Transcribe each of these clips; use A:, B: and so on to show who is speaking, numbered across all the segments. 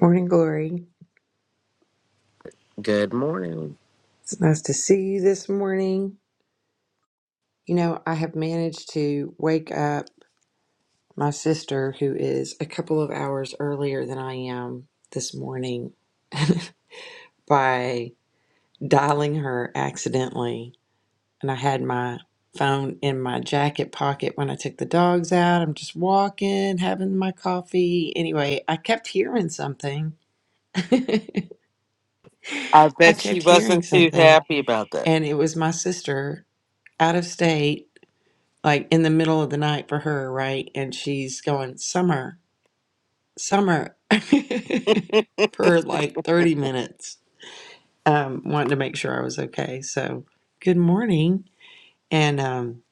A: Morning glory.
B: Good morning.
A: It's nice to see you this morning. You know, I have managed to wake up my sister, who is a couple of hours earlier than I am this morning, by dialing her accidentally. And I had my phone in my jacket pocket when I took the dogs out. I'm just walking, having my coffee. Anyway, I kept hearing something.
B: I
A: I
B: bet she
A: kept hearing
B: wasn't too
A: something,
B: happy about that.
A: and it was my sister out of state like in the middle of the night for her, right? And she's going, Summer, Summer, for like 30 minutes, um, wanting to make sure I was okay. So, good morning. And um,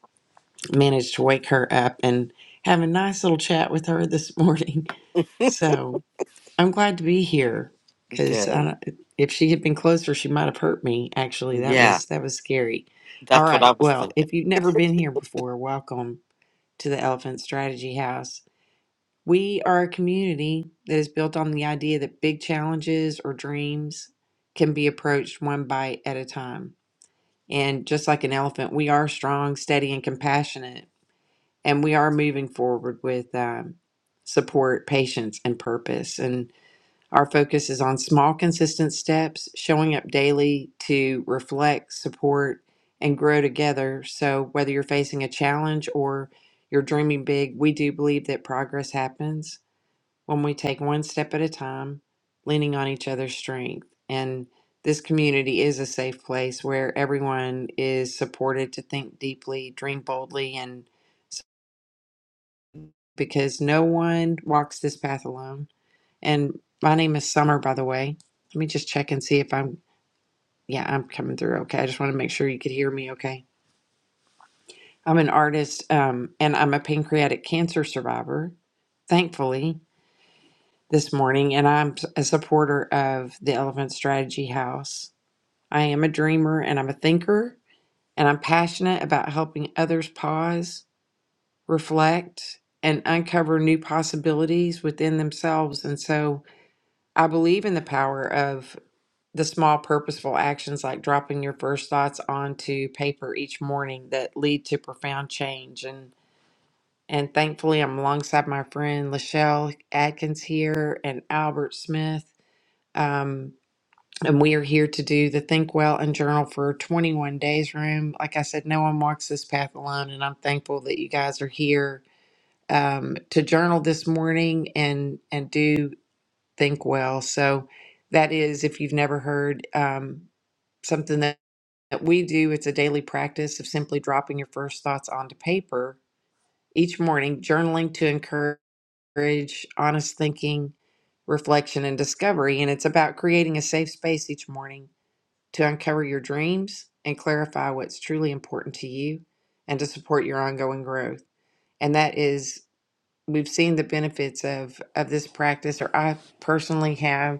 A: managed to wake her up and have a nice little chat with her this morning. So, I'm glad to be here because
B: Good.
A: if she had been closer, she might have hurt me. Actually, that
B: Yeah,
A: was that was scary. All
B: that's what I
A: right.
B: was
A: Well,
B: thinking.
A: if you've never been here before, welcome to the Elephant Strategy House. We are a community that is built on the idea that big challenges or dreams can be approached one bite at a time. And just like an elephant, we are strong, steady, and compassionate. And we are moving forward with um, support, patience, and purpose. And our focus is on small, consistent steps, showing up daily to reflect, support, and grow together. So whether you're facing a challenge or you're dreaming big, we do believe that progress happens when we take one step at a time, leaning on each other's strength. And this community is a safe place where everyone is supported to think deeply, dream boldly, and s- because no one walks this path alone. And my name is Summer, by the way. Let me just check and see if I'm, yeah, I'm coming through okay. I just want to make sure you could hear me okay. I'm an artist um, and I'm a pancreatic cancer survivor, thankfully. this morning, and I'm a supporter of the Elephant Strategy House. I am a dreamer and I'm a thinker, and I'm passionate about helping others pause, reflect, and uncover new possibilities within themselves. And so I believe in the power of the small purposeful actions like dropping your first thoughts onto paper each morning that lead to profound change and and thankfully I'm alongside my friend Lachelle Atkins here and Albert Smith. Um, And we are here to do the Think Well and Journal for 21 Days Room. Like I said, no one walks this path alone, and I'm thankful that you guys are here um, to journal this morning and and do Think Well. So that is, if you've never heard, um, something that, that we do. It's a daily practice of simply dropping your first thoughts onto paper each morning, journaling to encourage honest thinking, reflection, and discovery. And it's about creating a safe space each morning to uncover your dreams and clarify what's truly important to you and to support your ongoing growth. And that is we've seen the benefits of of this practice or I personally have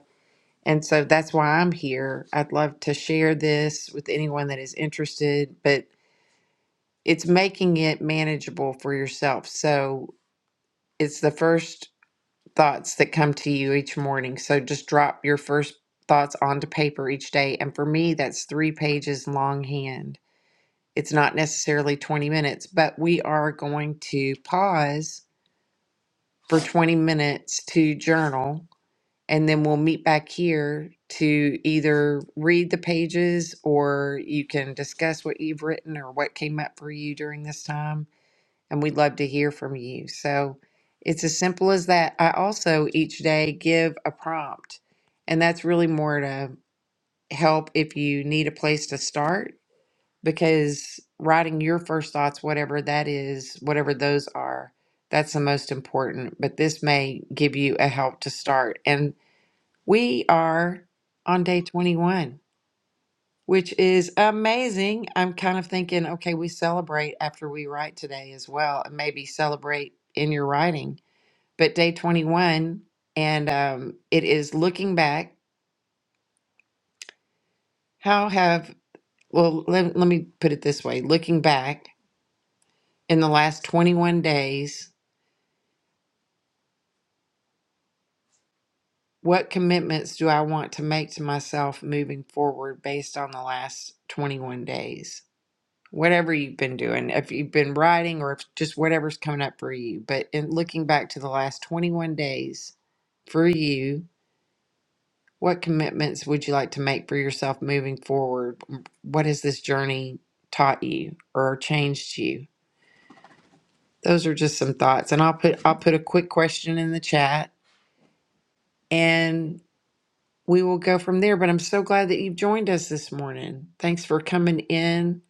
A: and so that's why I'm here. I'd love to share this with anyone that is interested, but it's making it manageable for yourself. So it's the first thoughts that come to you each morning. So just drop your first thoughts onto paper each day. And for me, that's three pages longhand it's not necessarily 20 minutes, but we are going to pause for 20 minutes to journal and then we'll meet back here to either read the pages or you can discuss what you've written or what came up for you during this time. And we'd love to hear from you. So it's as simple as that. I also each day give a prompt, and that's really more to help if you need a place to start because writing your first thoughts, whatever that is, whatever those are, that's the most important. But this may give you a help to start. And we are on day 21, which is amazing. I'm kind of thinking, okay, we celebrate after we write today as well, and maybe celebrate in your writing. But day 21, and um, it is looking back. How have, well, let, let me put it this way looking back in the last 21 days, What commitments do I want to make to myself moving forward based on the last 21 days? Whatever you've been doing, if you've been writing or if just whatever's coming up for you, but in looking back to the last 21 days for you, what commitments would you like to make for yourself moving forward? What has this journey taught you or changed you? Those are just some thoughts and I'll put I'll put a quick question in the chat and. we will go from there. But I'm so glad that you've joined us this morning. Thanks for coming in.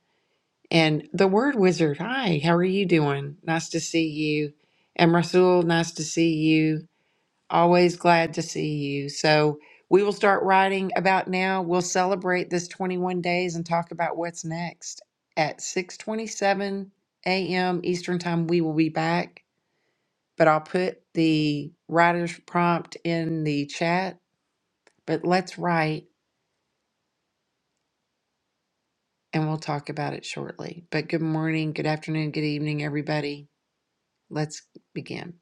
A: And the Word Wizard, hi, how are you doing? Nice to see you. And Rasul, nice to see you. Always glad to see you. So we will start writing about now. We'll celebrate this 21 days and talk about what's next. At 6:27 a.m. Eastern Time, we will be back. But I'll put the writer's prompt in the chat. But let's write. and we'll talk about it shortly. But good morning, good afternoon, good evening, everybody. Let's begin.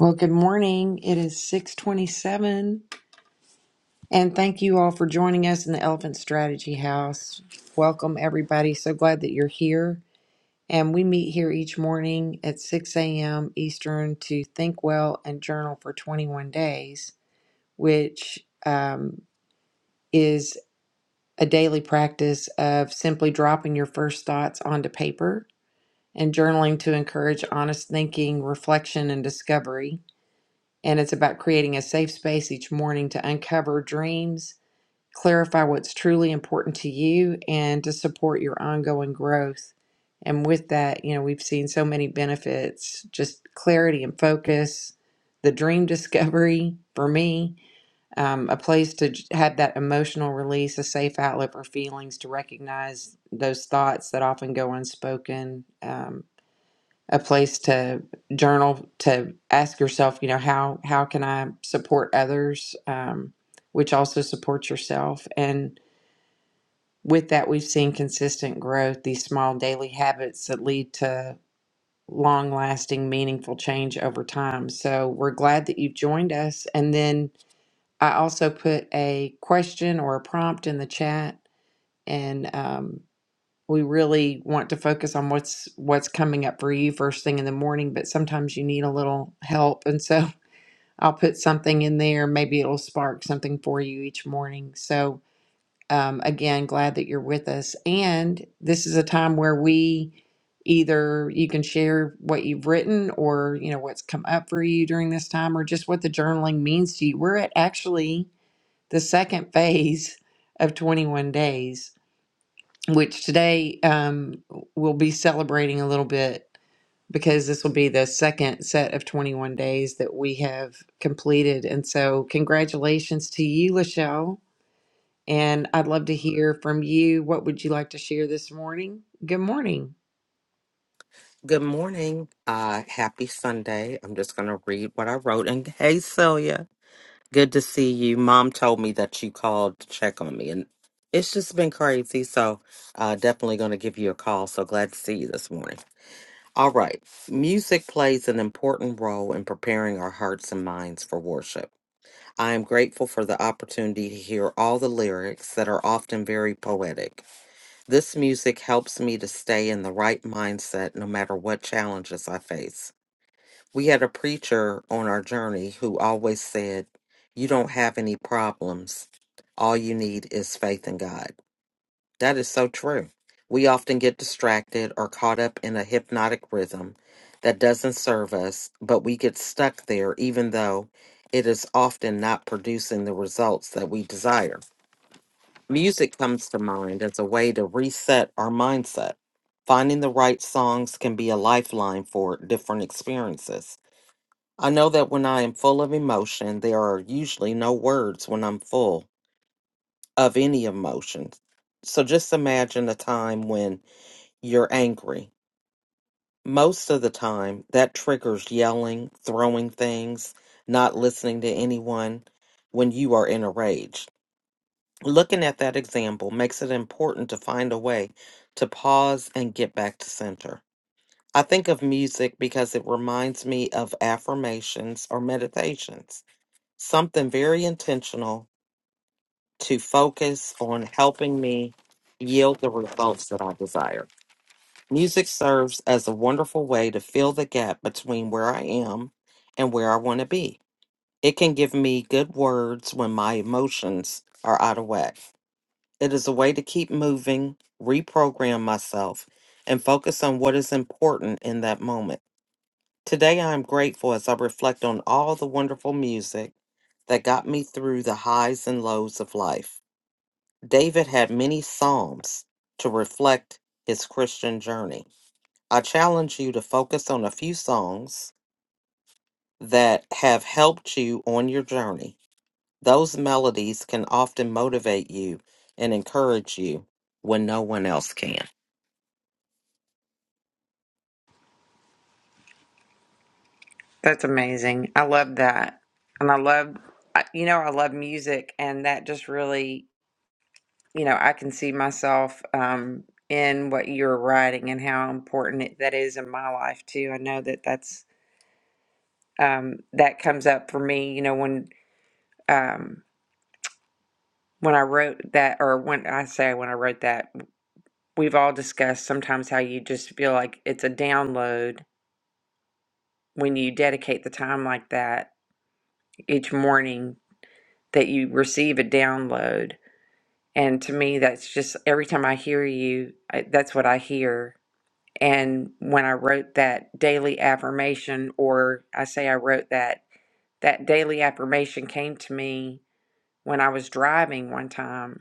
A: Well, good morning. It is 627. And thank you all for joining us in the Elephant Strategy House. Welcome, everybody. So glad that you're here. And we meet here each morning at 6 a.m. Eastern to think well and journal for 21 days, which um, is a daily practice of simply dropping your first thoughts onto paper and journaling to encourage honest thinking, reflection, and discovery. And it's about creating a safe space each morning to uncover dreams, clarify what's truly important to you, and to support your ongoing growth. And with that, you know, we've seen so many benefits just clarity and focus, the dream discovery for me, um, a place to j- have that emotional release, a safe outlet for feelings, to recognize those thoughts that often go unspoken. um, a place to journal to ask yourself you know how how can i support others um, which also supports yourself and with that we've seen consistent growth these small daily habits that lead to long lasting meaningful change over time so we're glad that you've joined us and then i also put a question or a prompt in the chat and um, we really want to focus on what's what's coming up for you first thing in the morning but sometimes you need a little help and so i'll put something in there maybe it'll spark something for you each morning so um, again glad that you're with us and this is a time where we either you can share what you've written or you know what's come up for you during this time or just what the journaling means to you we're at actually the second phase of 21 days which today um, we'll be celebrating a little bit because this will be the second set of 21 days that we have completed. And so, congratulations to you, Lachelle. And I'd love to hear from you. What would you like to share this morning? Good morning.
B: Good morning. Uh, happy Sunday. I'm just going to read what I wrote. And hey, Celia, good to see you. Mom told me that you called to check on me, and it's just been crazy. So, uh, definitely going to give you a call. So glad to see you this morning. All right. Music plays an important role in preparing our hearts and minds for worship. I am grateful for the opportunity to hear all the lyrics that are often very poetic. This music helps me to stay in the right mindset no matter what challenges I face. We had a preacher on our journey who always said, You don't have any problems. All you need is faith in God. That is so true. We often get distracted or caught up in a hypnotic rhythm that doesn't serve us, but we get stuck there even though it is often not producing the results that we desire. Music comes to mind as a way to reset our mindset. Finding the right songs can be a lifeline for different experiences. I know that when I am full of emotion, there are usually no words when I'm full of any emotion. So just imagine a time when you're angry. Most of the time, that triggers yelling, throwing things, not listening to anyone when you are in a rage. Looking at that example makes it important to find a way to pause and get back to center. I think of music because it reminds me of affirmations or meditations, something very intentional to focus on helping me yield the results that I desire. Music serves as a wonderful way to fill the gap between where I am and where I want to be. It can give me good words when my emotions are out of whack. It is a way to keep moving, reprogram myself, and focus on what is important in that moment. Today, I am grateful as I reflect on all the wonderful music that got me through the highs and lows of life. David had many psalms to reflect his Christian journey. I challenge you to focus on a few songs that have helped you on your journey. Those melodies can often motivate you and encourage you when no one else can.
A: That's amazing. I love that. And I love, I- you know, I love music. And that just really, you know, I can see myself um, in what you're writing and how important it, that is in my life, too. I know that that's um, that comes up for me. You know, when um, when I wrote that, or when I say when I wrote that, we've all discussed sometimes how you just feel like it's a download when you dedicate the time like that each morning that you receive a download. And to me, that's just every time I hear you, I, that's what I hear. And when I wrote that daily affirmation, or I say I wrote that, that daily affirmation came to me when I was driving one time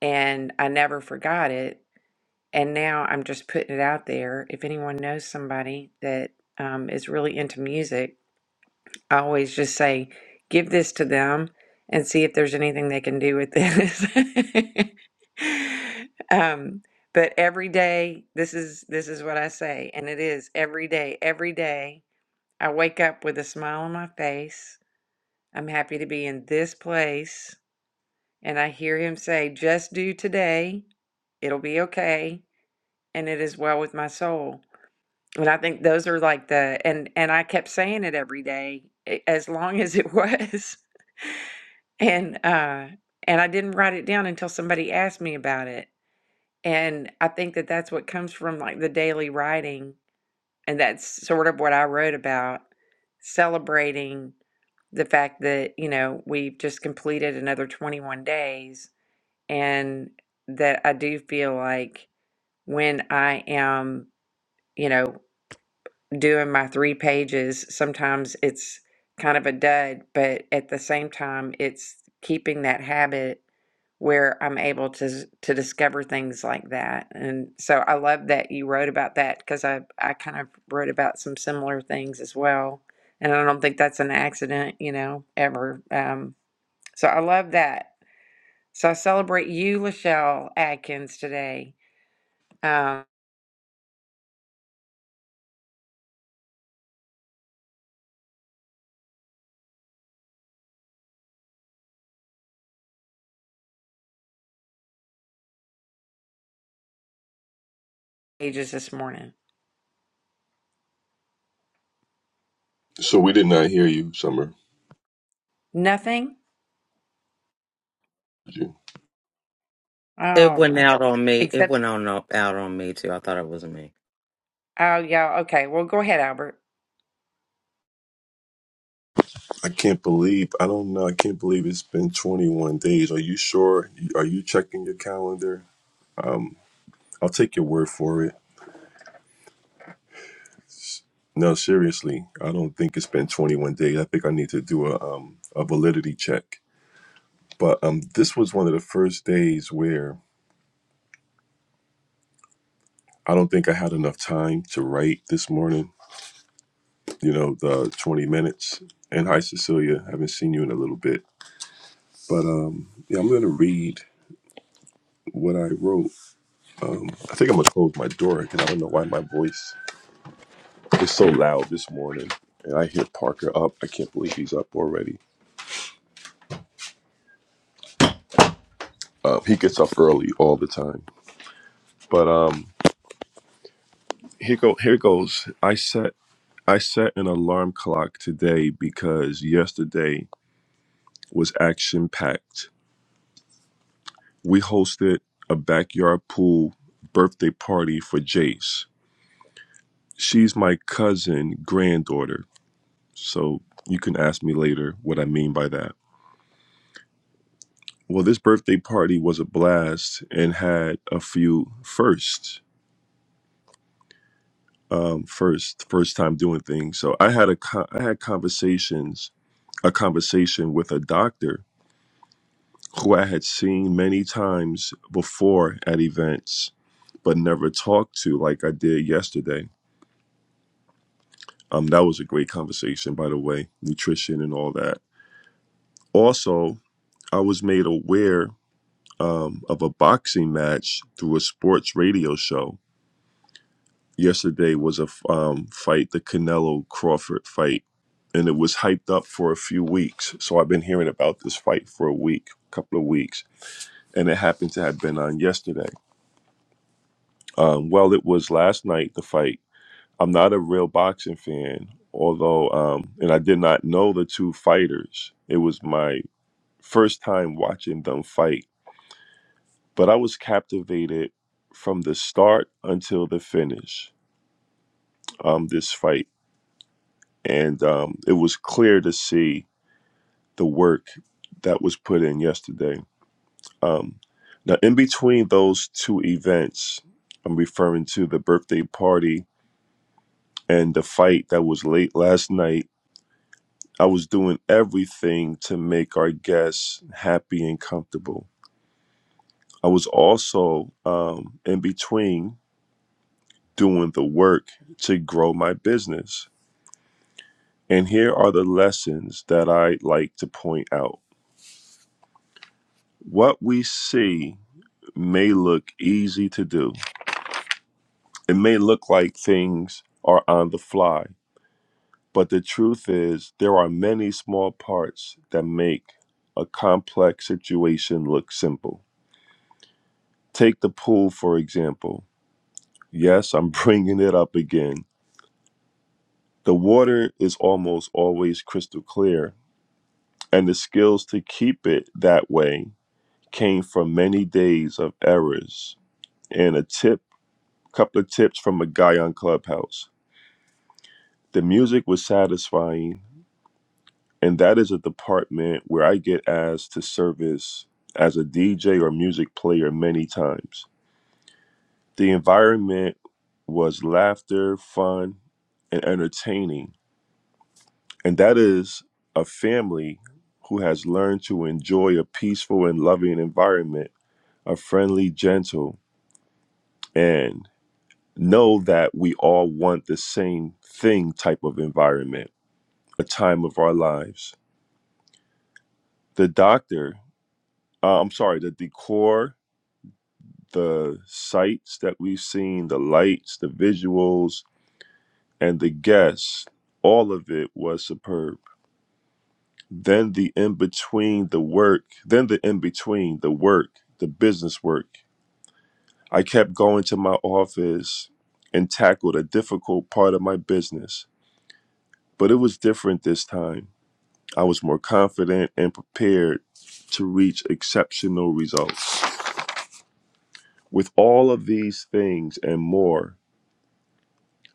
A: and I never forgot it. And now I'm just putting it out there. If anyone knows somebody that um, is really into music, I always just say, give this to them and see if there's anything they can do with this. um, but every day, this is this is what I say, and it is every day. Every day, I wake up with a smile on my face. I'm happy to be in this place, and I hear him say, "Just do today. It'll be okay." and it is well with my soul. And I think those are like the and and I kept saying it every day a- as long as it was. And uh and I didn't write it down until somebody asked me about it. And I think that that's what comes from like the daily writing and that's sort of what I wrote about celebrating the fact that, you know, we've just completed another 21 days and that I do feel like when I am, you know, doing my three pages, sometimes it's kind of a dud, but at the same time, it's keeping that habit where I'm able to to discover things like that. And so I love that you wrote about that because I I kind of wrote about some similar things as well. And I don't think that's an accident, you know, ever. Um, so I love that. So I celebrate you, Lachelle Atkins, today. Um, pages this morning.
C: So we did not hear you, Summer.
A: Nothing.
C: Did you?
B: It
A: All
B: went
A: right.
B: out on me. It
A: except.
B: went on out on me too. I thought it was me.
A: Oh, yeah. Okay. Well, go ahead, Albert.
C: I can't believe. I don't know. I can't believe it's been 21 days. Are you sure? Are you checking your calendar? I'll take your word for it. No, seriously, I don't think it's been 21 days. I think I need to do a um a validity check. But um, this was one of the first days where I don't think I had enough time to write this morning. You know, the 20 minutes. And hi, Cecilia. Haven't seen you in a little bit. But um, yeah, I'm gonna read what I wrote. Um, I think I'm gonna close my door because I don't know why my voice is so loud this morning. And I hear Parker up. I can't believe he's up already. Um, he gets up early all the time. But um, here go here goes. I set I set an alarm clock today because yesterday was action packed. We hosted a backyard pool birthday party for Jace. She's my cousin granddaughter, so you can ask me later what I mean by that Well, this birthday party was a blast and had a few firsts. Um, first, first time doing things. So I had a con- I had conversations, a conversation with a doctor who I had seen many times before at events, but never talked to like I did yesterday. Um, that was a great conversation, by the way, nutrition and all that. Also, I was made aware um, of a boxing match through a sports radio show yesterday was a um, fight, the Canelo Crawford fight, and it was hyped up for a few weeks. So I've been hearing about this fight for a week, couple of weeks, and it happened to have been on yesterday. Um, well, it was last night, the fight. I'm not a real boxing fan, although, um, and I did not know the two fighters. It was my first time watching them fight, but I was captivated from the start until the finish. Um, this fight. and um, it was clear to see the work that was put in yesterday. Um, now, in between those two events, I'm referring to the birthday party and the fight that was late last night. I was doing everything to make our guests happy and comfortable. I was also um, in between doing the work to grow my business. And here are the lessons that I like to point out. What we see may look easy to do. It may look like things are on the fly, but the truth is, there are many small parts that make a complex situation look simple. Take the pool, for example. Yes, I'm bringing it up again. The water is almost always crystal clear, and the skills to keep it that way came from many days of errors and a tip, couple of tips from a guy on Clubhouse. The music was satisfying, and that is a department where I get asked to service as a DJ or music player many times. The environment was laughter, fun, and entertaining, and that is a family who has learned to enjoy a peaceful and loving environment, a friendly, gentle, and know that we all want the same thing type of environment, a time of our lives. The doctor uh, I'm sorry, the decor, the sights that we've seen, the lights, the visuals, and the guests, all of it was superb. Then the in between the work, then the in between the work, the business work. I kept going to my office and tackled a difficult part of my business, but it was different this time. I was more confident and prepared to reach exceptional results. With all of these things and more,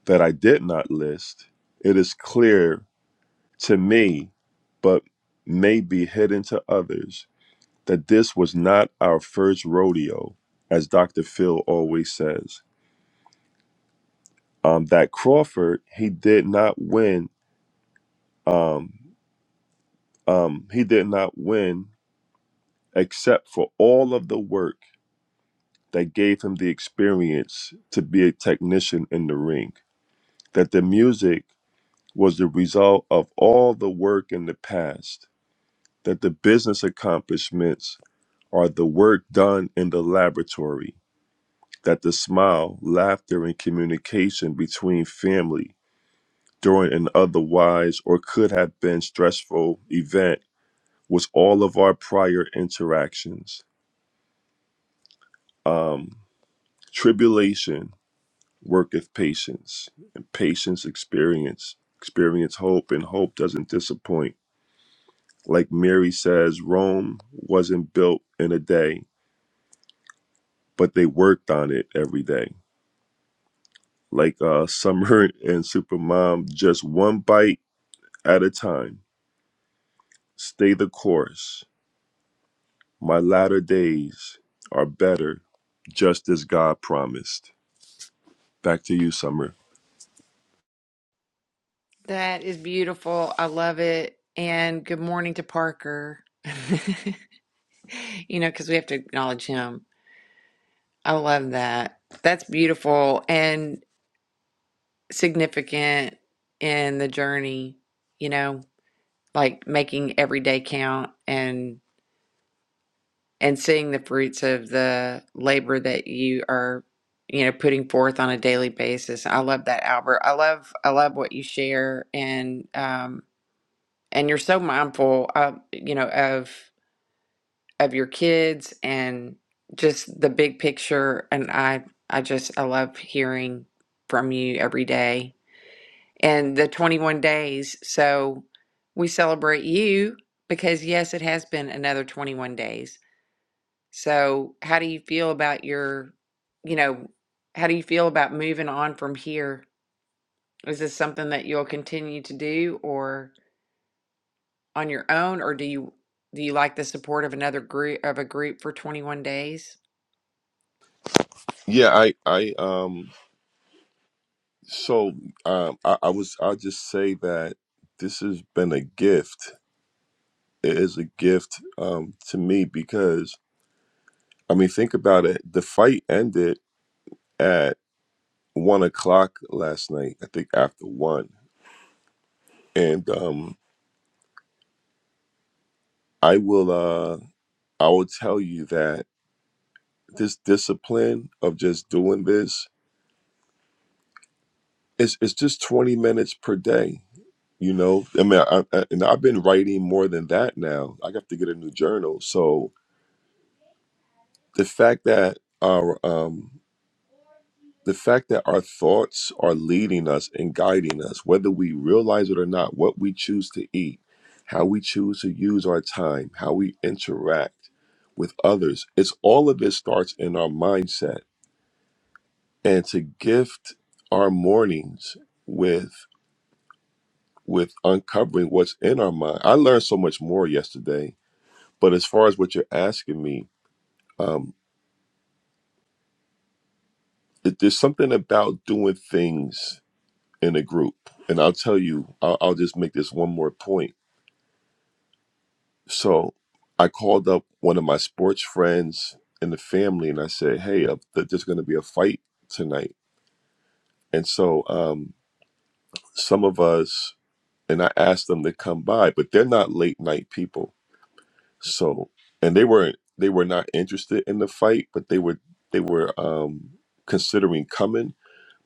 C: that I did not list, it is clear to me, but may be hidden to others, that this was not our first rodeo, as Dr. Phil always says. Um, that Crawford, he did not win. Um, um, he did not win except for all of the work that gave him the experience to be a technician in the ring. That the music was the result of all the work in the past that the business accomplishments are the work done in the laboratory, that the smile, laughter, and communication between family during an otherwise or could have been stressful event was all of our prior interactions. Um, tribulation worketh patience, and patience experience. Experience hope, and hope doesn't disappoint. Like Mary says, Rome wasn't built in a day, but they worked on it every day. like uh, Summer and Supermom, just one bite at a time. Stay the course. My latter days are better, just as God promised. Back to you, Summer.
A: That is beautiful. I love it. And good morning to Parker. you know, because we have to acknowledge him. I love that. That's beautiful and significant in the journey, you know, like making every day count and and seeing the fruits of the labor that you are, you know, putting forth on a daily basis. I love that, Albert. I love I love what you share and um and you're so mindful uh, you know of of your kids and just the big picture and i i just i love hearing from you every day and the 21 days so we celebrate you because yes it has been another 21 days so how do you feel about your you know how do you feel about moving on from here is this something that you'll continue to do or on your own, or do you do you like the support of another group of a group for 21 days?
C: Yeah, I, I, um, so um, I, I was, I'll just say that this has been a gift. It is a gift um, to me because, I mean, think about it. The fight ended at one o'clock last night. I think after one, and um, I will uh I will tell you that this discipline of just doing this is it's just 20 minutes per day. You know, I mean, I, I, and I've been writing more than that now. I have to get a new journal. So the fact that our um the fact that our thoughts are leading us and guiding us, whether we realize it or not, what we choose to eat, how we choose to use our time, how we interact with others, it's all of it starts in our mindset and to gift our mornings with with uncovering what's in our mind. I learned so much more yesterday, but as far as what you're asking me, um, it, there's something about doing things in a group, and I'll tell you, I'll, I'll just make this one more point. So, I called up one of my sports friends in the family, and I said, "Hey, uh, th- there's going to be a fight tonight," and so um, some of us. And I asked them to come by, but they're not late night people So, and they were they were not interested in the fight, but they were they were um, considering coming.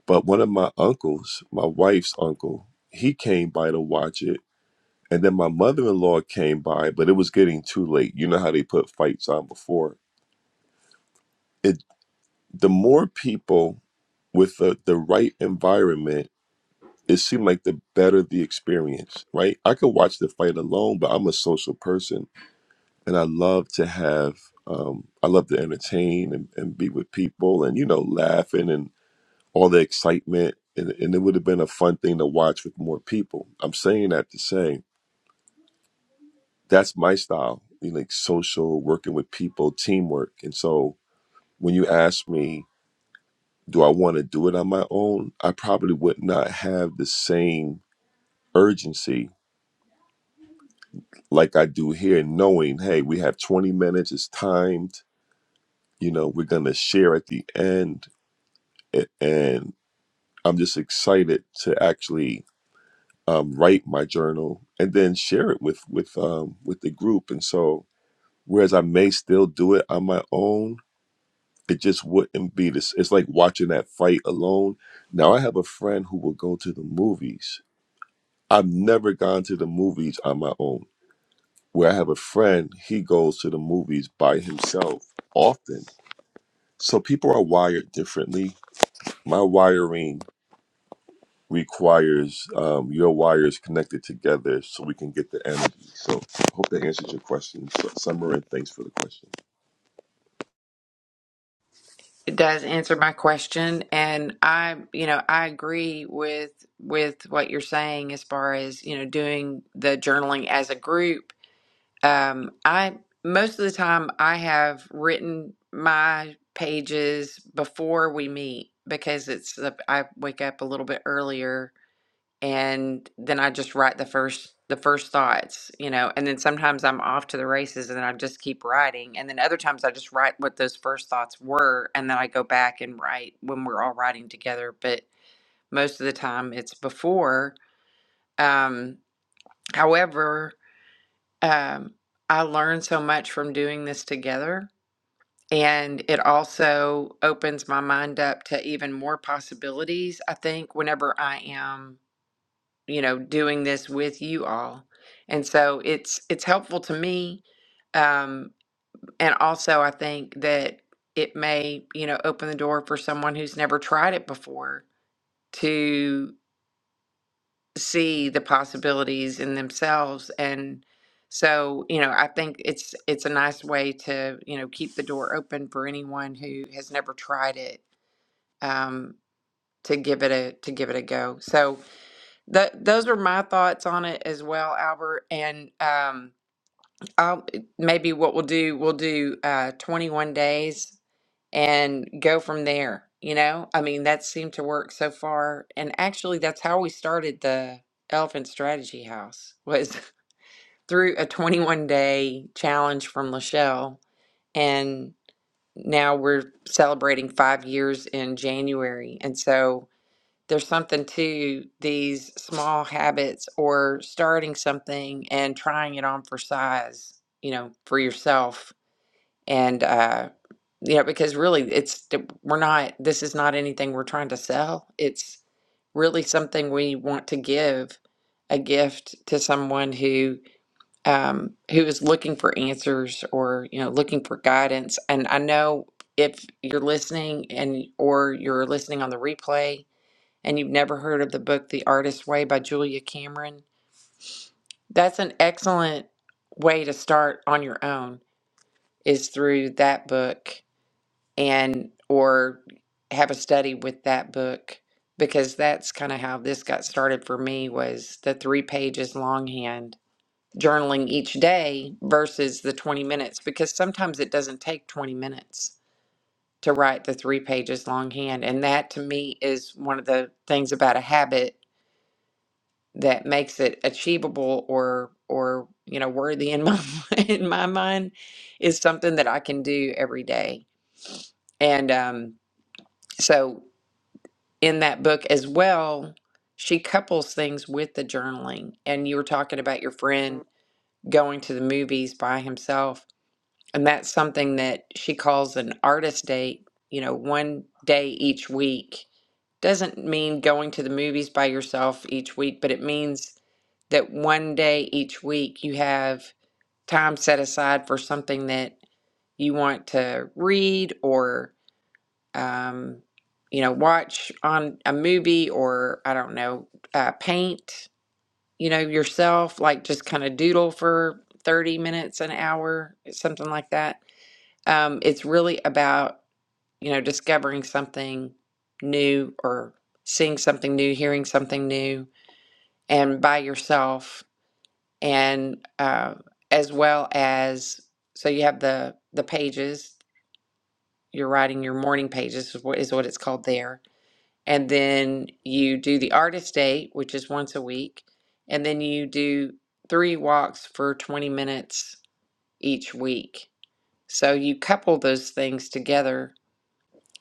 C: But one of my uncles, my wife's uncle, he came by to watch it, and then my mother in law came by, but it was getting too late. You know how they put fights on before it. The more people with the, the right environment, it seemed like the better the experience, right? I could watch the fight alone, but I'm a social person and I love to have um, I love to entertain and, and be with people and you know laughing and all the excitement and, and it would have been a fun thing to watch with more people. I'm saying that to say that's my style, you know, like social working with people, teamwork. And so when you ask me, do I want to do it on my own? I probably would not have the same urgency like I do here, knowing hey, we have 20 minutes, it's timed. You know, we're gonna share at the end a- and I'm just excited to actually um, write my journal and then share it with with um, with the group. And so, whereas I may still do it on my own, it just wouldn't be this. It's like watching that fight alone. Now, I have a friend who will go to the movies. I've never gone to the movies on my own. Where I have a friend, he goes to the movies by himself often. So people are wired differently. My wiring requires um, your wires connected together so we can get the energy. So hope that answers your question, Su- Summer, and thanks for the question.
A: It does answer my question, and I, you know, I agree with with what you're saying as far as you know doing the journaling as a group. Um, I most of the time I have written my pages before we meet because it's the- I wake up a little bit earlier and then I just write the first the first thoughts, you know, and then sometimes I'm off to the races and then I just keep writing. And then other times I just write what those first thoughts were and then I go back and write when we're all writing together. But most of the time it's before. Um, however, um, I learn so much from doing this together. And it also opens my mind up to even more possibilities, I think, whenever I am you know doing this with you all and so it's it's helpful to me um and also i think that it may you know open the door for someone who's never tried it before to see the possibilities in themselves and so you know i think it's it's a nice way to you know keep the door open for anyone who has never tried it um to give it a to give it a go so That those are my thoughts on it as well, Albert. And um, I'll maybe what we'll do, we'll do uh, 21 days and go from there. You know, I mean, that seemed to work so far. And actually, that's how we started the Elephant Strategy House was through a 21 day challenge from Lachelle. And now we're celebrating five years in January. And so there's something to these small habits or starting something and trying it on for size, you know, for yourself. And, uh, you know, because really it's, we're not, this is not anything we're trying to sell. It's really something we want to give a gift to someone who, um, who is looking for answers or, you know, looking for guidance. And I know if you're listening and, or you're listening on the replay, and you've never heard of the book The Artist's Way by Julia Cameron, that's an excellent way to start on your own is through that book and or have a study with that book because that's kind of how this got started for me was the 3 pages longhand journaling each day versus the 20 minutes because sometimes it doesn't take 20 minutes to write the 3 pages longhand and that to me is one of the things about a habit that makes it achievable or or you know worthy in my in my mind is something that I can do every day. And um, so in that book as well, she couples things with the journaling. And you were talking about your friend going to the movies by himself, and that's something that she calls an artist date. You know, one day each week doesn't mean going to the movies by yourself each week, but it means that one day each week you have time set aside for something that you want to read or um, you know watch on a movie or i don't know uh, paint you know yourself like just kind of doodle for 30 minutes an hour something like that um, it's really about you know, discovering something new or seeing something new, hearing something new, and by yourself, and uh, as well as so you have the the pages. You're writing your morning pages is what is what it's called there, and then you do the artist date, which is once a week, and then you do three walks for 20 minutes each week. So you couple those things together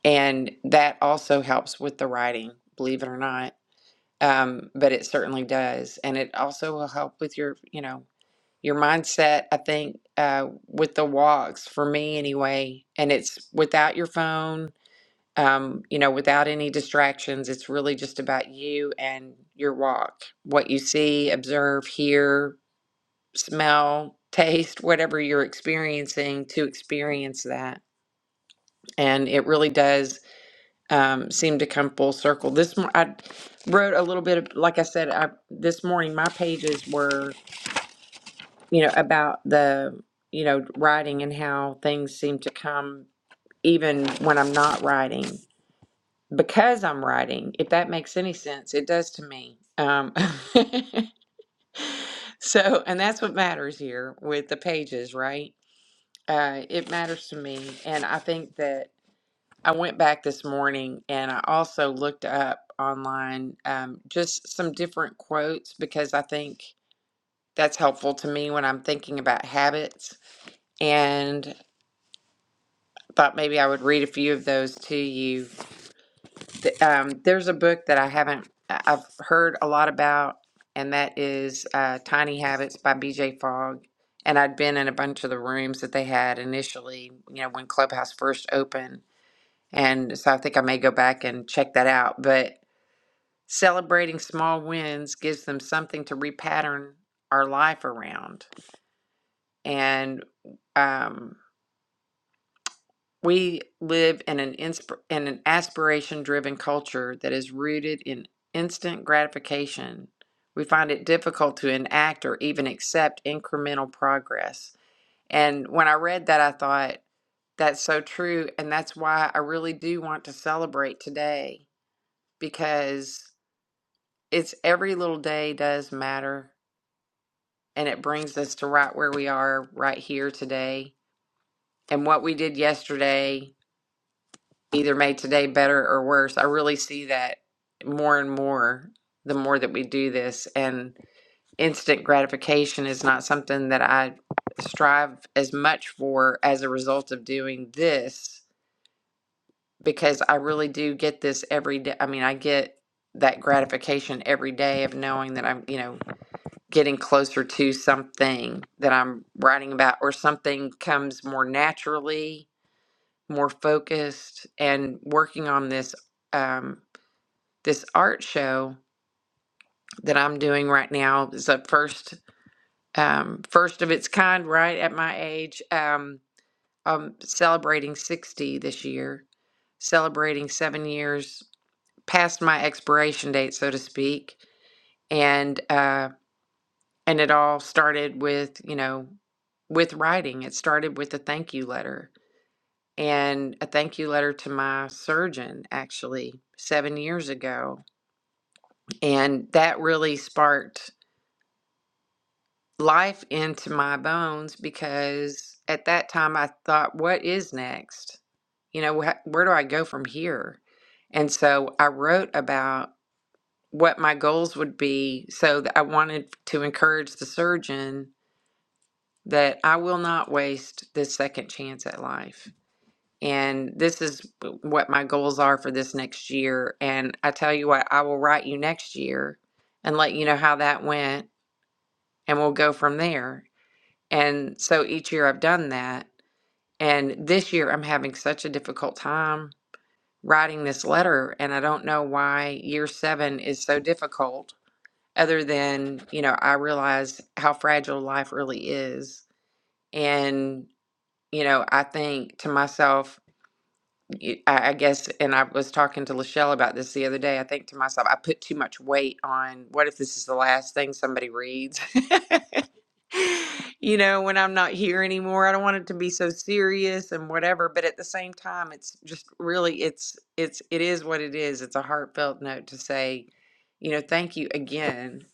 A: And that also helps with the writing, believe it or not. Um, but it certainly does. And it also will help with your, you know, your mindset, I think, uh, with the walks for me anyway. And it's without your phone, um, you know, without any distractions. It's really just about you and your walk, what you see, observe, hear, smell, taste, whatever you're experiencing to experience that. And it really does um, seemed to come full circle. This mor- I wrote a little bit of, like I said, I, this morning my pages were, you know, about the, you know, writing and how things seem to come even when I'm not writing because I'm writing. If that makes any sense, it does to me. Um, so, and that's what matters here with the pages, right? Uh, it matters to me, and I think that. I went back this morning and I also looked up online um, just some different quotes because I think that's helpful to me when I'm thinking about habits. And thought maybe I would read a few of those to you. Th- Um, there's a book that I haven't, I- I've heard a lot about, and that is uh, Tiny Habits by BJ Fogg. And I'd been in a bunch of the rooms that they had initially, you know, when Clubhouse first opened. And so I think I may go back and check that out. But Celebrating small wins gives them something to repattern our life around. And um, we live in an insp- in an aspiration driven culture that is rooted in instant gratification. We find it difficult to enact or even accept incremental progress. And when I read that, I thought, that's so true. And that's why I really do want to celebrate today because it's every little day does matter and it brings us to right where we are right here today. And what we did yesterday either made today better or worse. I really see that more and more the more that we do this. And instant gratification is not something that I strive as much for as a result of doing this because I really do get this every day. I mean, I get that gratification every day of knowing that I'm, you know, getting closer to something that I'm writing about, or something comes more naturally, more focused, and working on this um, this art show that I'm doing right now is a first um, first of its kind, right at my age. Um, I'm celebrating 60 this year, celebrating seven years past my expiration date, so to speak, and. uh, And it all started with, you know, with writing. It started with a thank you letter and a thank you letter to my surgeon, actually, seven years ago. And that really sparked life into my bones because at that time I thought, what is next? You know, wh- where do I go from here? And so I wrote about what my goals would be so that I wanted to encourage the surgeon that I will not waste this second chance at life. And this is what my goals are for this next year. And I tell you what, I will write you next year and let you know how that went, and we'll go from there. And so each year I've done that. And this year I'm having such a difficult time writing this letter. And I don't know why year seven is so difficult, other than, you know, I realize how fragile life really is. and. you know, I think to myself, y- I I guess, and I was talking to Lachelle about this the other day. I think to myself, I put too much weight on what if this is the last thing somebody reads? you know, when I'm not here anymore, I don't want it to be so serious and whatever. But at the same time, it's just really, it's, it's, it is what it is. It's a heartfelt note to say, you know, thank you again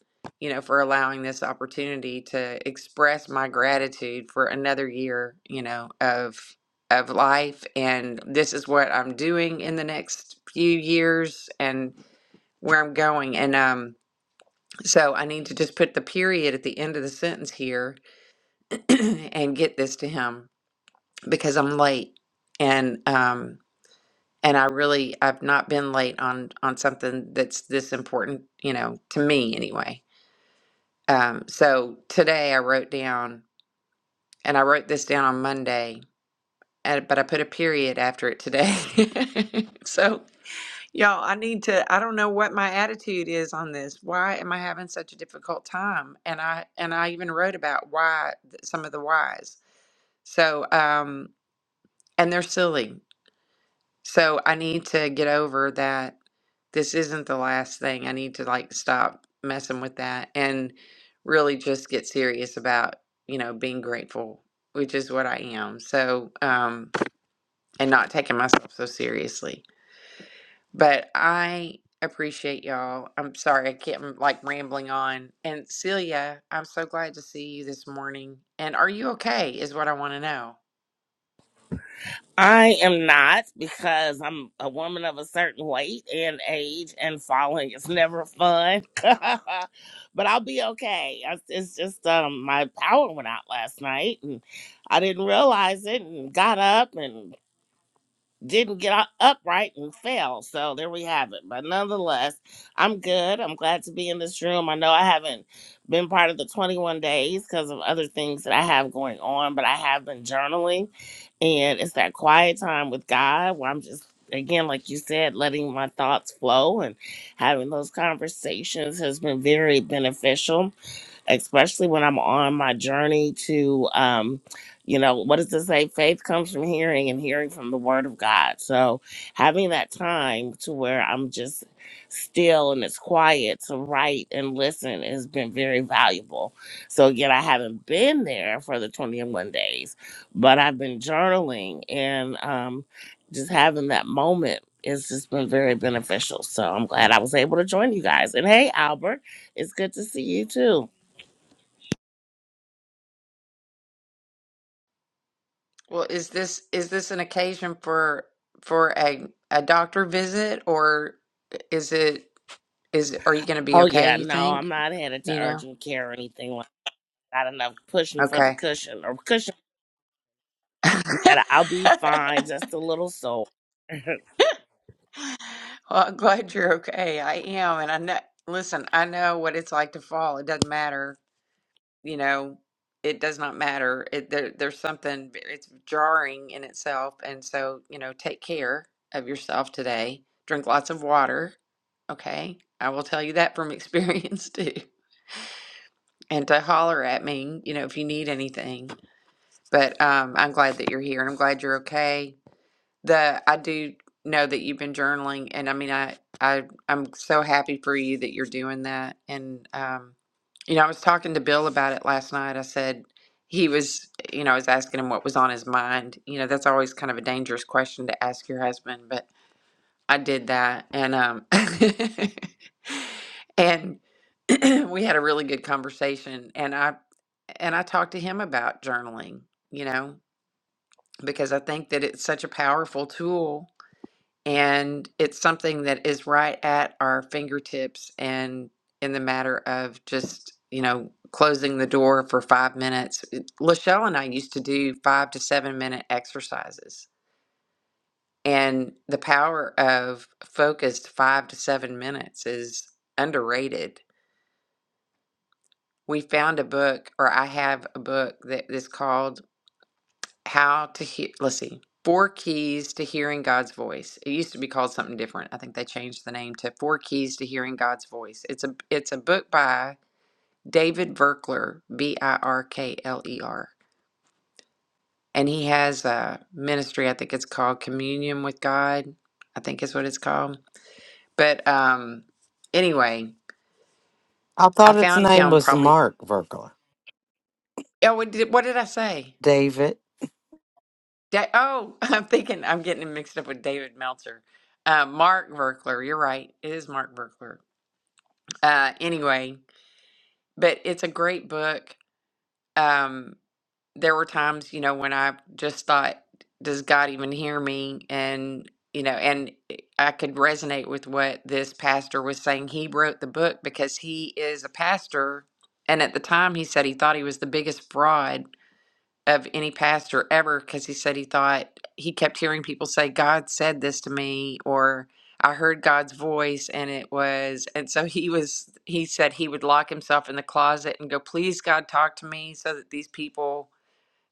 A: you know, for allowing this opportunity to express my gratitude for another year, you know, of of life and this is what I'm doing in the next few years and where I'm going and um so I need to just put the period at the end of the sentence here and get this to him because I'm late and um and I really I've not been late on on something that's this important, you know, to me anyway. Um so today I wrote down and I wrote this down on Monday and, but I put a period after it today. so Y'all, I need to, I don't know what my attitude is on this. Why am I having such a difficult time? And I and I even wrote about why th- some of the whys. So, um, and they're silly. So I need to get over that this isn't the last thing. I need to like stop messing with that and really just get serious about, you know, being grateful, which is what I am. So, um, and not taking myself so seriously. But I appreciate y'all. I'm sorry I can't I'm, like rambling on. And Celia, I'm so glad to see you this morning. And are you okay? Is what I want to know.
D: I am not because I'm a woman of a certain weight and age, and falling is never fun. but I'll be okay. I- It's just um, my power went out last night, and I didn't realize it, and got up and didn't get up upright and fell. So there we have it. But nonetheless, I'm good. I'm glad to be in this room. I know I haven't been part of the 21 days because of other things that I have going on, but I have been journaling and it's that quiet time with God where I'm just, again, like you said, letting my thoughts flow and having those conversations has been very beneficial especially when I'm on my journey to, um, you know, what does it say? Faith comes from hearing and hearing from the word of God. So having that time to where I'm just still and it's quiet to write and listen has been very valuable. So again, I haven't been there for the 21 days, but I've been journaling and um, just having that moment. It's just been very beneficial. So I'm glad I was able to join you guys. And hey, Albert, it's good to see you too.
A: Well, is this is this an occasion for for a a doctor visit or is it is it- are you going to be
D: Oh yeah,
A: okay, you
D: no, I'm
A: think?
D: not headed
A: Do
D: to
A: you know?
D: urgent care or anything. like Not enough pushing for the
A: Okay.
D: cushion or cushion. And I'll be fine, just a little sore.
A: Well, I'm glad you're okay. I am, and I know, listen, I know what it's like to fall. It doesn't matter you know, it does not matter. It, there, there's something, it's jarring in itself. And so, you know, take care of yourself today. Drink lots of water. Okay. I will tell you that from experience too. And to holler at me, you know, if you need anything. But um, I'm glad that you're here and I'm glad you're okay the I do know that you've been journaling, and I mean, I I I'm so happy for you that you're doing that. And um, you know, I was talking to Bill about it last night. I said he was, you know, I was asking him what was on his mind. You know, that's always kind of a dangerous question to ask your husband, but I did that, and um, and we had a really good conversation, and I and I talked to him about journaling. You know, because I think that it's such a powerful tool and it's something that is right at our fingertips and in the matter of just, you know, closing the door for five minutes. It- Lachelle and I used to do five to seven minute exercises. And the power of focused five to seven minutes is underrated. We found a book, or I have a book that is called how to hear let's see four keys to hearing god's voice it used to be called something different i think they changed the name to four keys to hearing god's voice it's a it's a book by david Virkler, b-i-r-k-l-e-r B I R K L E R, and he has a ministry i think it's called communion with god i think is what it's called but um anyway
B: I
A: i
B: thought its
A: found
B: name
A: him
B: was
A: probably
B: Mark Verkler.
A: oh what did, what did i say
B: David,
A: Da- oh, I'm thinking I'm getting him mixed up with David Meltzer. Uh, Mark Verkler, you're right. It is Mark Verkler. Uh, anyway, but it's a great book. Um, there were times, you know, when I just thought, does God even hear me? And, you know, and eh, I could resonate with what this pastor was saying. He wrote the book because he is a pastor. And at the time, he said he thought he was the biggest fraud of any pastor ever because he said he thought he kept hearing people say, God said this to me, or I heard God's voice, and it was. And so he was, he said he would lock himself in the closet and go, Please, God, talk to me so that these people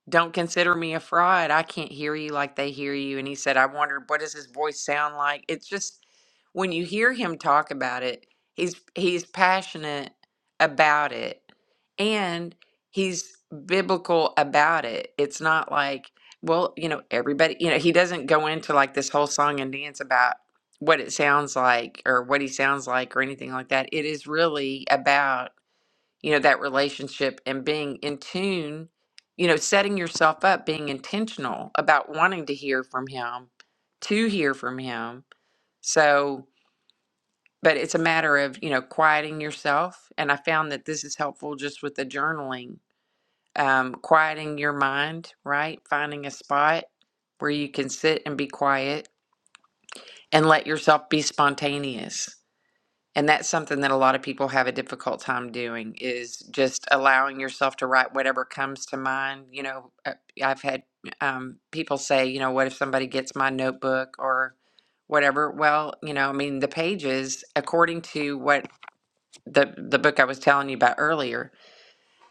A: don't consider me a fraud. I can't hear you like they hear you. And he said, I wondered, what does his voice sound like? It's just when you hear him talk about it, he's he's passionate about it and he's biblical about it. It's not like, well, you know, everybody, you know, he doesn't go into like this whole song and dance about what it sounds like or what he sounds like or anything like that. It is really about you know that relationship and being in tune you know setting yourself up being intentional about wanting to hear from him to hear from him so but it's a matter of you know quieting yourself and i found that this is helpful just with the journaling um, quieting your mind right finding a spot where you can sit and be quiet and let yourself be spontaneous and that's something that a lot of people have a difficult time doing is just allowing yourself to write whatever comes to mind you know uh, i've had um, people say you know what if somebody gets my notebook or whatever well you know i mean the pages according to what the the book i was telling you about earlier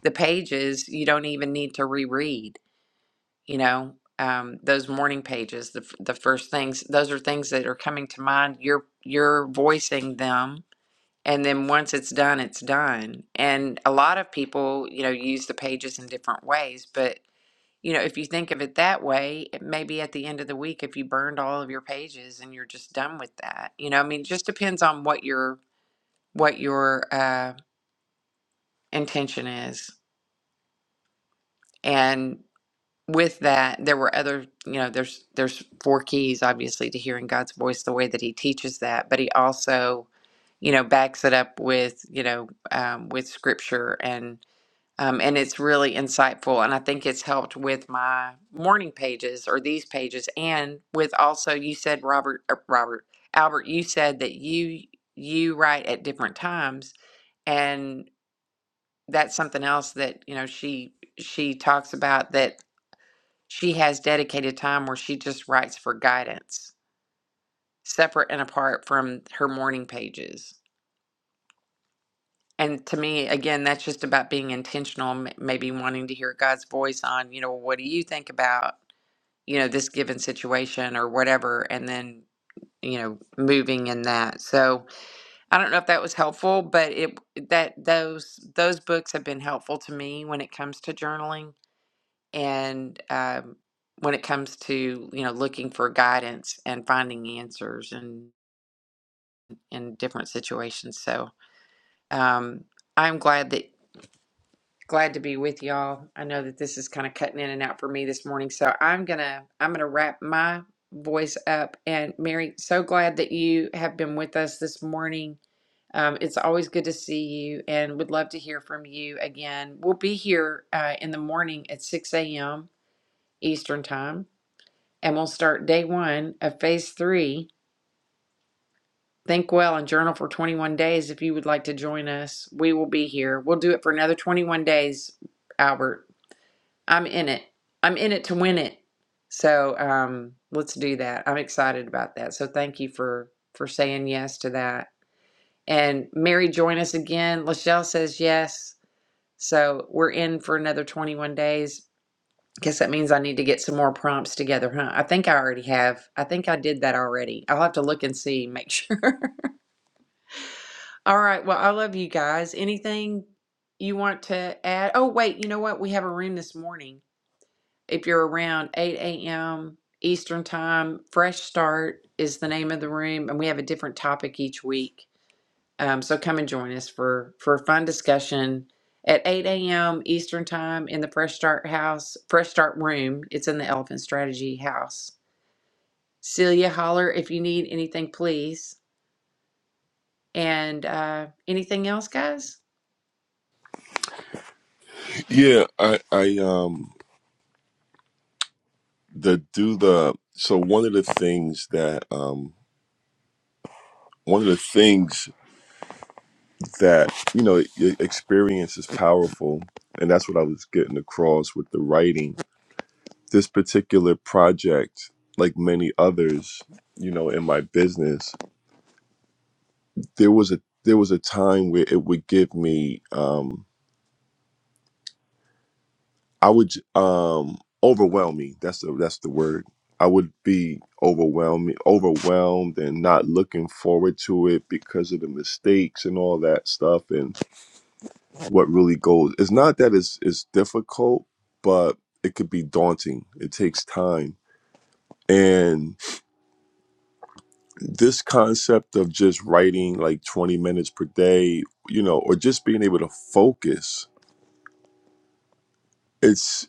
A: the pages you don't even need to reread you know um, those morning pages the, f- the first things those are things that are coming to mind you're you're voicing them and then once it's done it's done and a lot of people you know use the pages in different ways but you know if you think of it that way it maybe at the end of the week if you burned all of your pages and you're just done with that you know i mean it just depends on what your what your uh, intention is and with that there were other you know there's there's four keys obviously to hearing god's voice the way that he teaches that but he also you know backs it up with you know um, with scripture and. Um, and it's really insightful. And I think it's helped with my morning pages or these pages, and with also you said Robert, uh, Robert Albert, you said that you you write at different times, and that's something else that you know she she talks about that she has dedicated time where she just writes for guidance, separate and apart from her morning pages. And to me, again, that's just about being intentional, m- maybe wanting to hear God's voice on, you know, what do you think about, you know, this given situation or whatever, and then, you know, moving in that. So I don't know if that was helpful, but it that those those books have been helpful to me when it comes to journaling and um, when it comes to you know looking for guidance and finding answers and in in different situations. So um, I'm glad that glad to be with y'all. I know that this is kind of cutting in and out for me this morning, so I'm gonna I'm gonna wrap my voice up. And Mary, so glad that you have been with us this morning. Um, it's always good to see you, and would love to hear from you again. We'll be here uh, in the morning at 6 a.m. Eastern time, and we'll start day one of phase three. Think well and journal for 21 days. If you would like to join us, we will be here. We'll do it for another 21 days, Albert. I'm in it. I'm in it to win it. So um, let's do that. I'm excited about that. So thank you for for saying yes to that. And Mary, join us again. Lachelle says yes. So we're in for another 21 days. Guess that means I need to get some more prompts together, huh? I think I already have. I think I did that already. I'll have to look and see, make sure. All right. Well, I love you guys. Anything you want to add? Oh, wait. You know what? We have a room this morning if you're around 8 a.m. Eastern Time, Fresh Start is the name of the room, and we have a different topic each week. Um, so come and join us for for a fun discussion at 8 a.m. Eastern Time in the Fresh Start House, Fresh Start Room. It's in the Elephant Strategy House. Celia, holler if you need anything, please. And uh, anything else, guys?
C: Yeah, I, I um the do the so one of the things that um one of the things that you know e- experience is powerful, and that's what I was getting across with the writing. This particular project, like many others, you know, in my business, there was a there was a time where it would give me um I would um overwhelm me. That's the that's the word. I would be overwhelmed, overwhelmed, and not looking forward to it because of the mistakes and all that stuff, and what really goes. It's not that it's it's difficult, but it could be daunting. It takes time, and this concept of just writing like twenty minutes per day, you know, or just being able to focus. it's.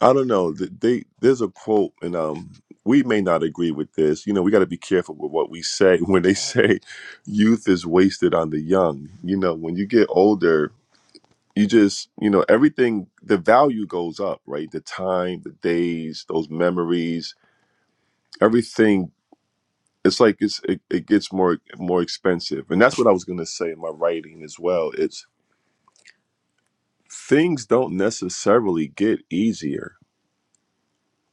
C: I don't know. th- They there's a quote, and um, we may not agree with this. You know, we got to be careful with what we say when they say youth is wasted on the young. You know, when you get older, you just you know everything. The value goes up, right? The time, the days, those memories, everything. It's like it's it, it gets more more expensive, and that's what I was gonna say in my writing as well. It's things don't necessarily get easier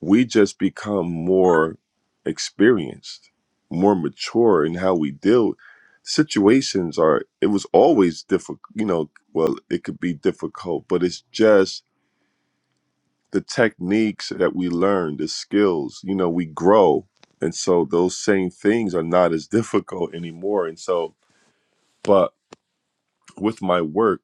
C: we just become more experienced, more mature in how we deal. Situations are, it was always difficult, you know, well, it could be difficult, but it's just the techniques that we learn, the skills, you know, we grow. And so those same things are not as difficult anymore. And so, but with my work,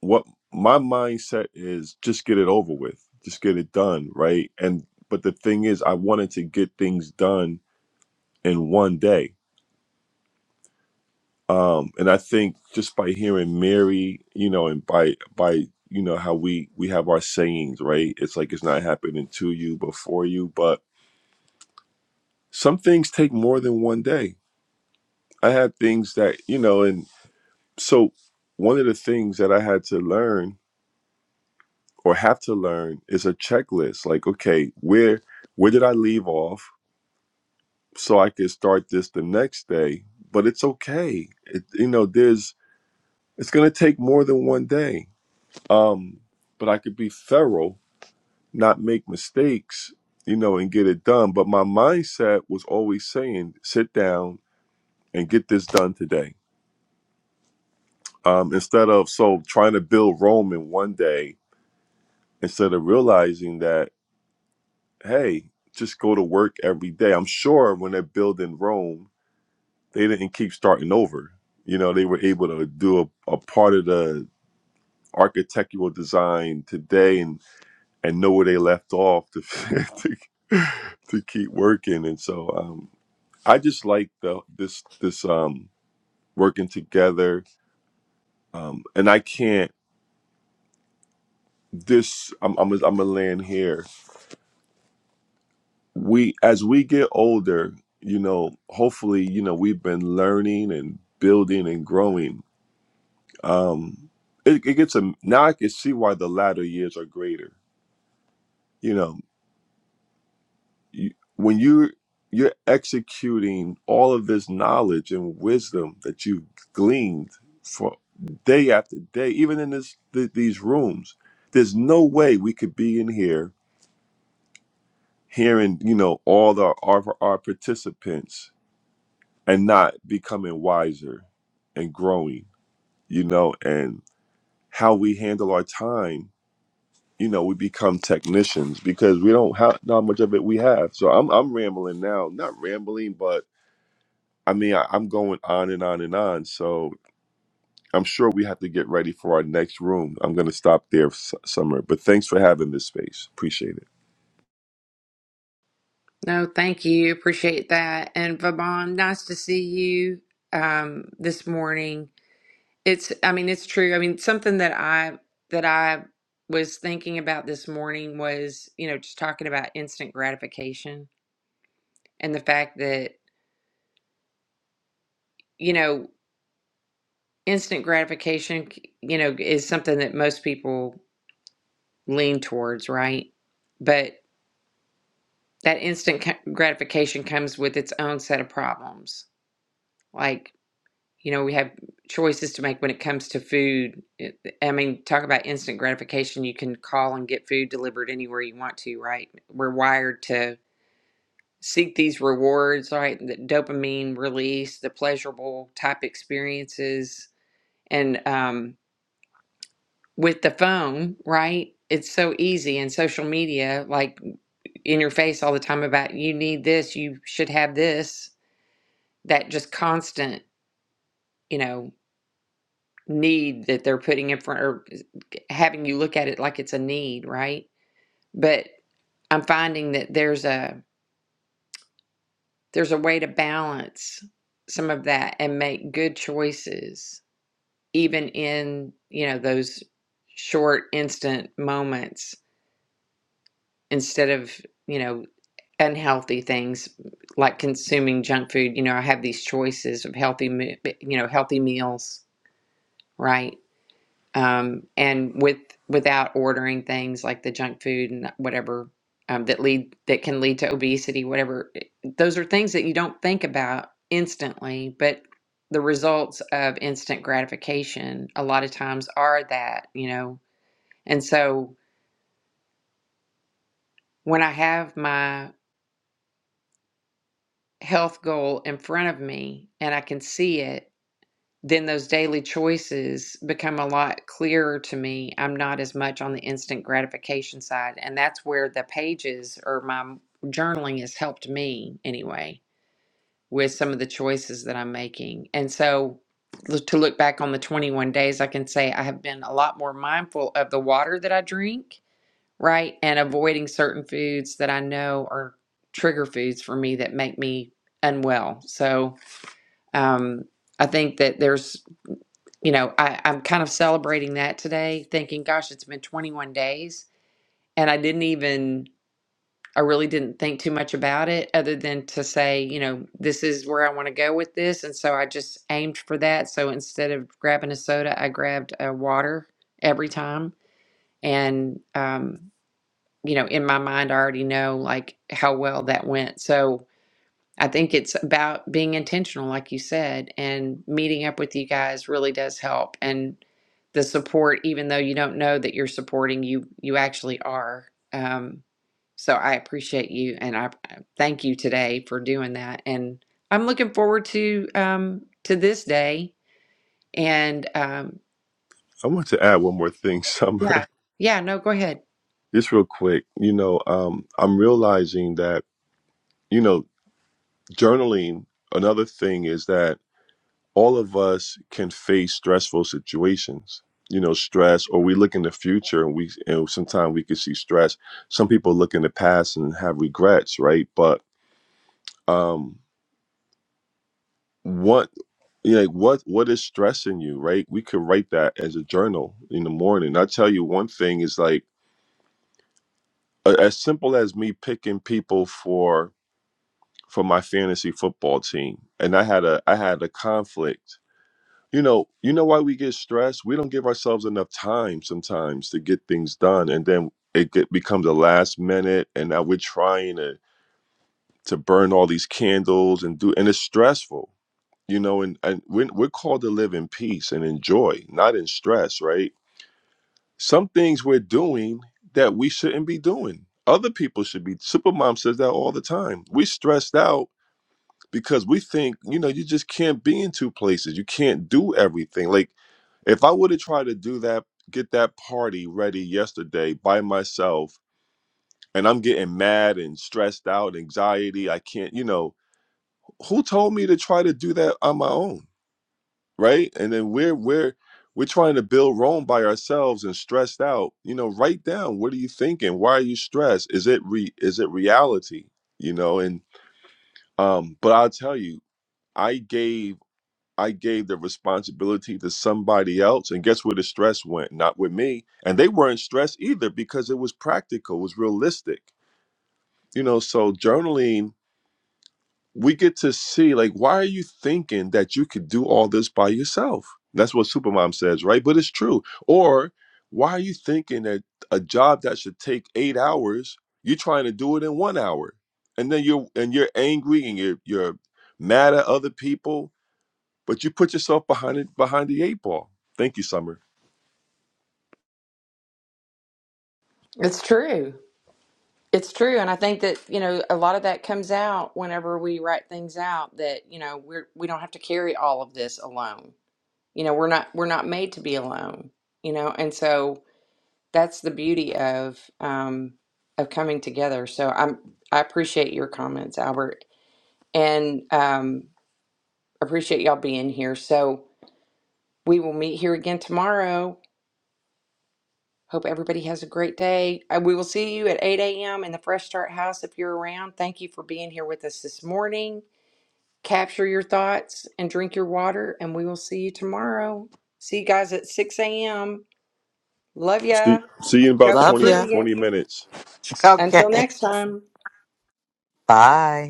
C: what my mindset is just get it over with, just get it done, right? And, but the thing is, I wanted to get things done in one day. Um, and I think just by hearing Mary, you know, and by by you know how we we have our sayings, right? It's like it's not happening to you but for you. But some things take more than one day. I had things that you know, and so one of the things that I had to learn or have to learn is a checklist. Like, okay, where where did I leave off so I could start this the next day? But it's okay. It, you know, there's it's gonna take more than one day Um, but I could be thorough, not make mistakes, you know, and get it done. But my mindset was always saying, sit down and get this done today. Um, instead of so trying to build Rome in one day, instead of realizing that, hey, just go to work every day. I'm sure when they're building Rome, they didn't keep starting over. You know, they were able to do a, a part of the architectural design today and. and know where they left off to to, to keep working. And so um, I just like the this this um, working together. Um, and I can't this I'm I'm a, I'm a land here. We as we get older, you know, hopefully, you know, we've been learning and building and growing. Um, it, it gets a now I can see why the latter years are greater. You know, you, when you you're executing all of this knowledge and wisdom that you've gleaned for day after day even in this th- these rooms there's no way we could be in here hearing you know all the our, our participants and not becoming wiser and growing you know and how we handle our time you know we become technicians because we don't have not much of it we have so i'm i'm rambling now not rambling but I mean, I, I'm going on and on and on. So I'm sure we have to get ready for our next room. I'm going to stop there, S- Summer. But thanks for having this space. Appreciate it.
A: No, thank you. Appreciate that. And Vaban, nice to see you um, this morning. It's, I mean, it's true. I mean, something that I that I was thinking about this morning was, you know, just talking about instant gratification and the fact that, you know, instant gratification, you know, is something that most people lean towards, right? But that instant ca- gratification comes with its own set of problems. Like You know, we have choices to make when it comes to food. It- I mean, talk about instant gratification. You can call and get food delivered anywhere you want to, right? We're wired to seek these rewards, right? The dopamine release, the pleasurable type experiences. And um, with the phone, right? It's so easy and social media, like in your face all the time about you need this, you should have this. That just constant, you know, need that they're putting in front or having you look at it like it's a need, right? But I'm finding that there's a there's a way to balance some of that and make good choices even in, you know, those short instant moments instead of, you know, unhealthy things like consuming junk food, you know, I have these choices of healthy me- you know, healthy meals, right? um, and with without ordering things like the junk food and whatever um, that lead that can lead to obesity, whatever. Those are things that you don't think about instantly, but the results of instant gratification a lot of times are that you know. And so when I have my health goal in front of me and I can see it then those daily choices become a lot clearer to me. I'm not as much on the instant gratification side. And that's where the pages or my journaling has helped me anyway with some of the choices that I'm making. And so l- to look back on the 21 days, I can say I have been a lot more mindful of the water that I drink, right? And avoiding certain foods that I know are trigger foods for me that make me unwell. So, um, I think that there's you know, I, I'm kind of celebrating that today, thinking, gosh, it's been 21 days. And I didn't even, I really didn't think too much about it other than to say, you know, this is where I want to go with this. And so I just aimed for that. So instead of grabbing a soda, I grabbed a water every time. And, um, you know, in my mind, I already know like how well that went. So, I think it's about being intentional, like you said, and meeting up with you guys really does help. And the support, even though you don't know that you're supporting, you you actually are. Um, so I appreciate you, and I I thank you today for doing that. And I'm looking forward to um, to this day. And um,
C: I want to add one more thing, Summer,
A: yeah, yeah, no, go ahead.
C: just real quick. You know, um, I'm realizing that, you know, journaling, another thing is that all of us can face stressful situations. You know, stress, or we look in the future and we, and sometimes we can see stress. Some people look in the past and have regrets, right? But um, what Yeah, like what what is stressing you, right? We could write that as a journal in the morning. I tell you one thing is like a- as simple as me picking people for for my fantasy football team, and I had a I had a conflict. You know, you know why we get stressed? We don't give ourselves enough time sometimes to get things done, and then it get, becomes a last minute, and now we're trying to to burn all these candles and do, and it's stressful you know and, and we're, we're called to live in peace and enjoy not in stress right some things we're doing that we shouldn't be doing other people should be supermom says that all the time we stressed out because we think you know you just can't be in two places you can't do everything like if i would have tried to do that get that party ready yesterday by myself and i'm getting mad and stressed out anxiety i can't you know who told me to try to do that on my own right? And then we're we're we're trying to build Rome by ourselves and stressed out. You know, write down what are you thinking? Why are you stressed? Is it re is it reality? You know, and um, but I'll tell you, I gave I gave the responsibility to somebody else, and guess where the stress went? Not with me. And they weren't stressed either because it was practical, it was realistic. You know, so journaling we get to see like why are you thinking that you could do all this by yourself that's what supermom says right but it's true or why are you thinking that a job that should take eight hours you're trying to do it in one hour and then you're and you're angry and you're you're mad at other people but you put yourself behind it behind the eight ball thank you summer
A: It's true. It's true, and I think that you know a lot of that comes out whenever we write things out that you know we're we don't have to carry all of this alone. You know, we're not we're not made to be alone. You know, and so that's the beauty of um, of coming together. So I'm I appreciate your comments, Albert, and um, appreciate y'all being here. So we will meet here again tomorrow. Hope everybody has a great day. Uh, We will see you at 8 a.m. in the Fresh Start House if you're around. Thank you for being here with us this morning. Capture your thoughts and drink your water, and we will see you tomorrow. See you guys at 6 a.m. Love
C: see
A: ya.
C: see you in
A: Go
C: about
A: be
B: love
C: 20
B: ya.
A: brilliant.
C: 20 minutes
A: Until
B: Okay.
A: next time.
B: Bye.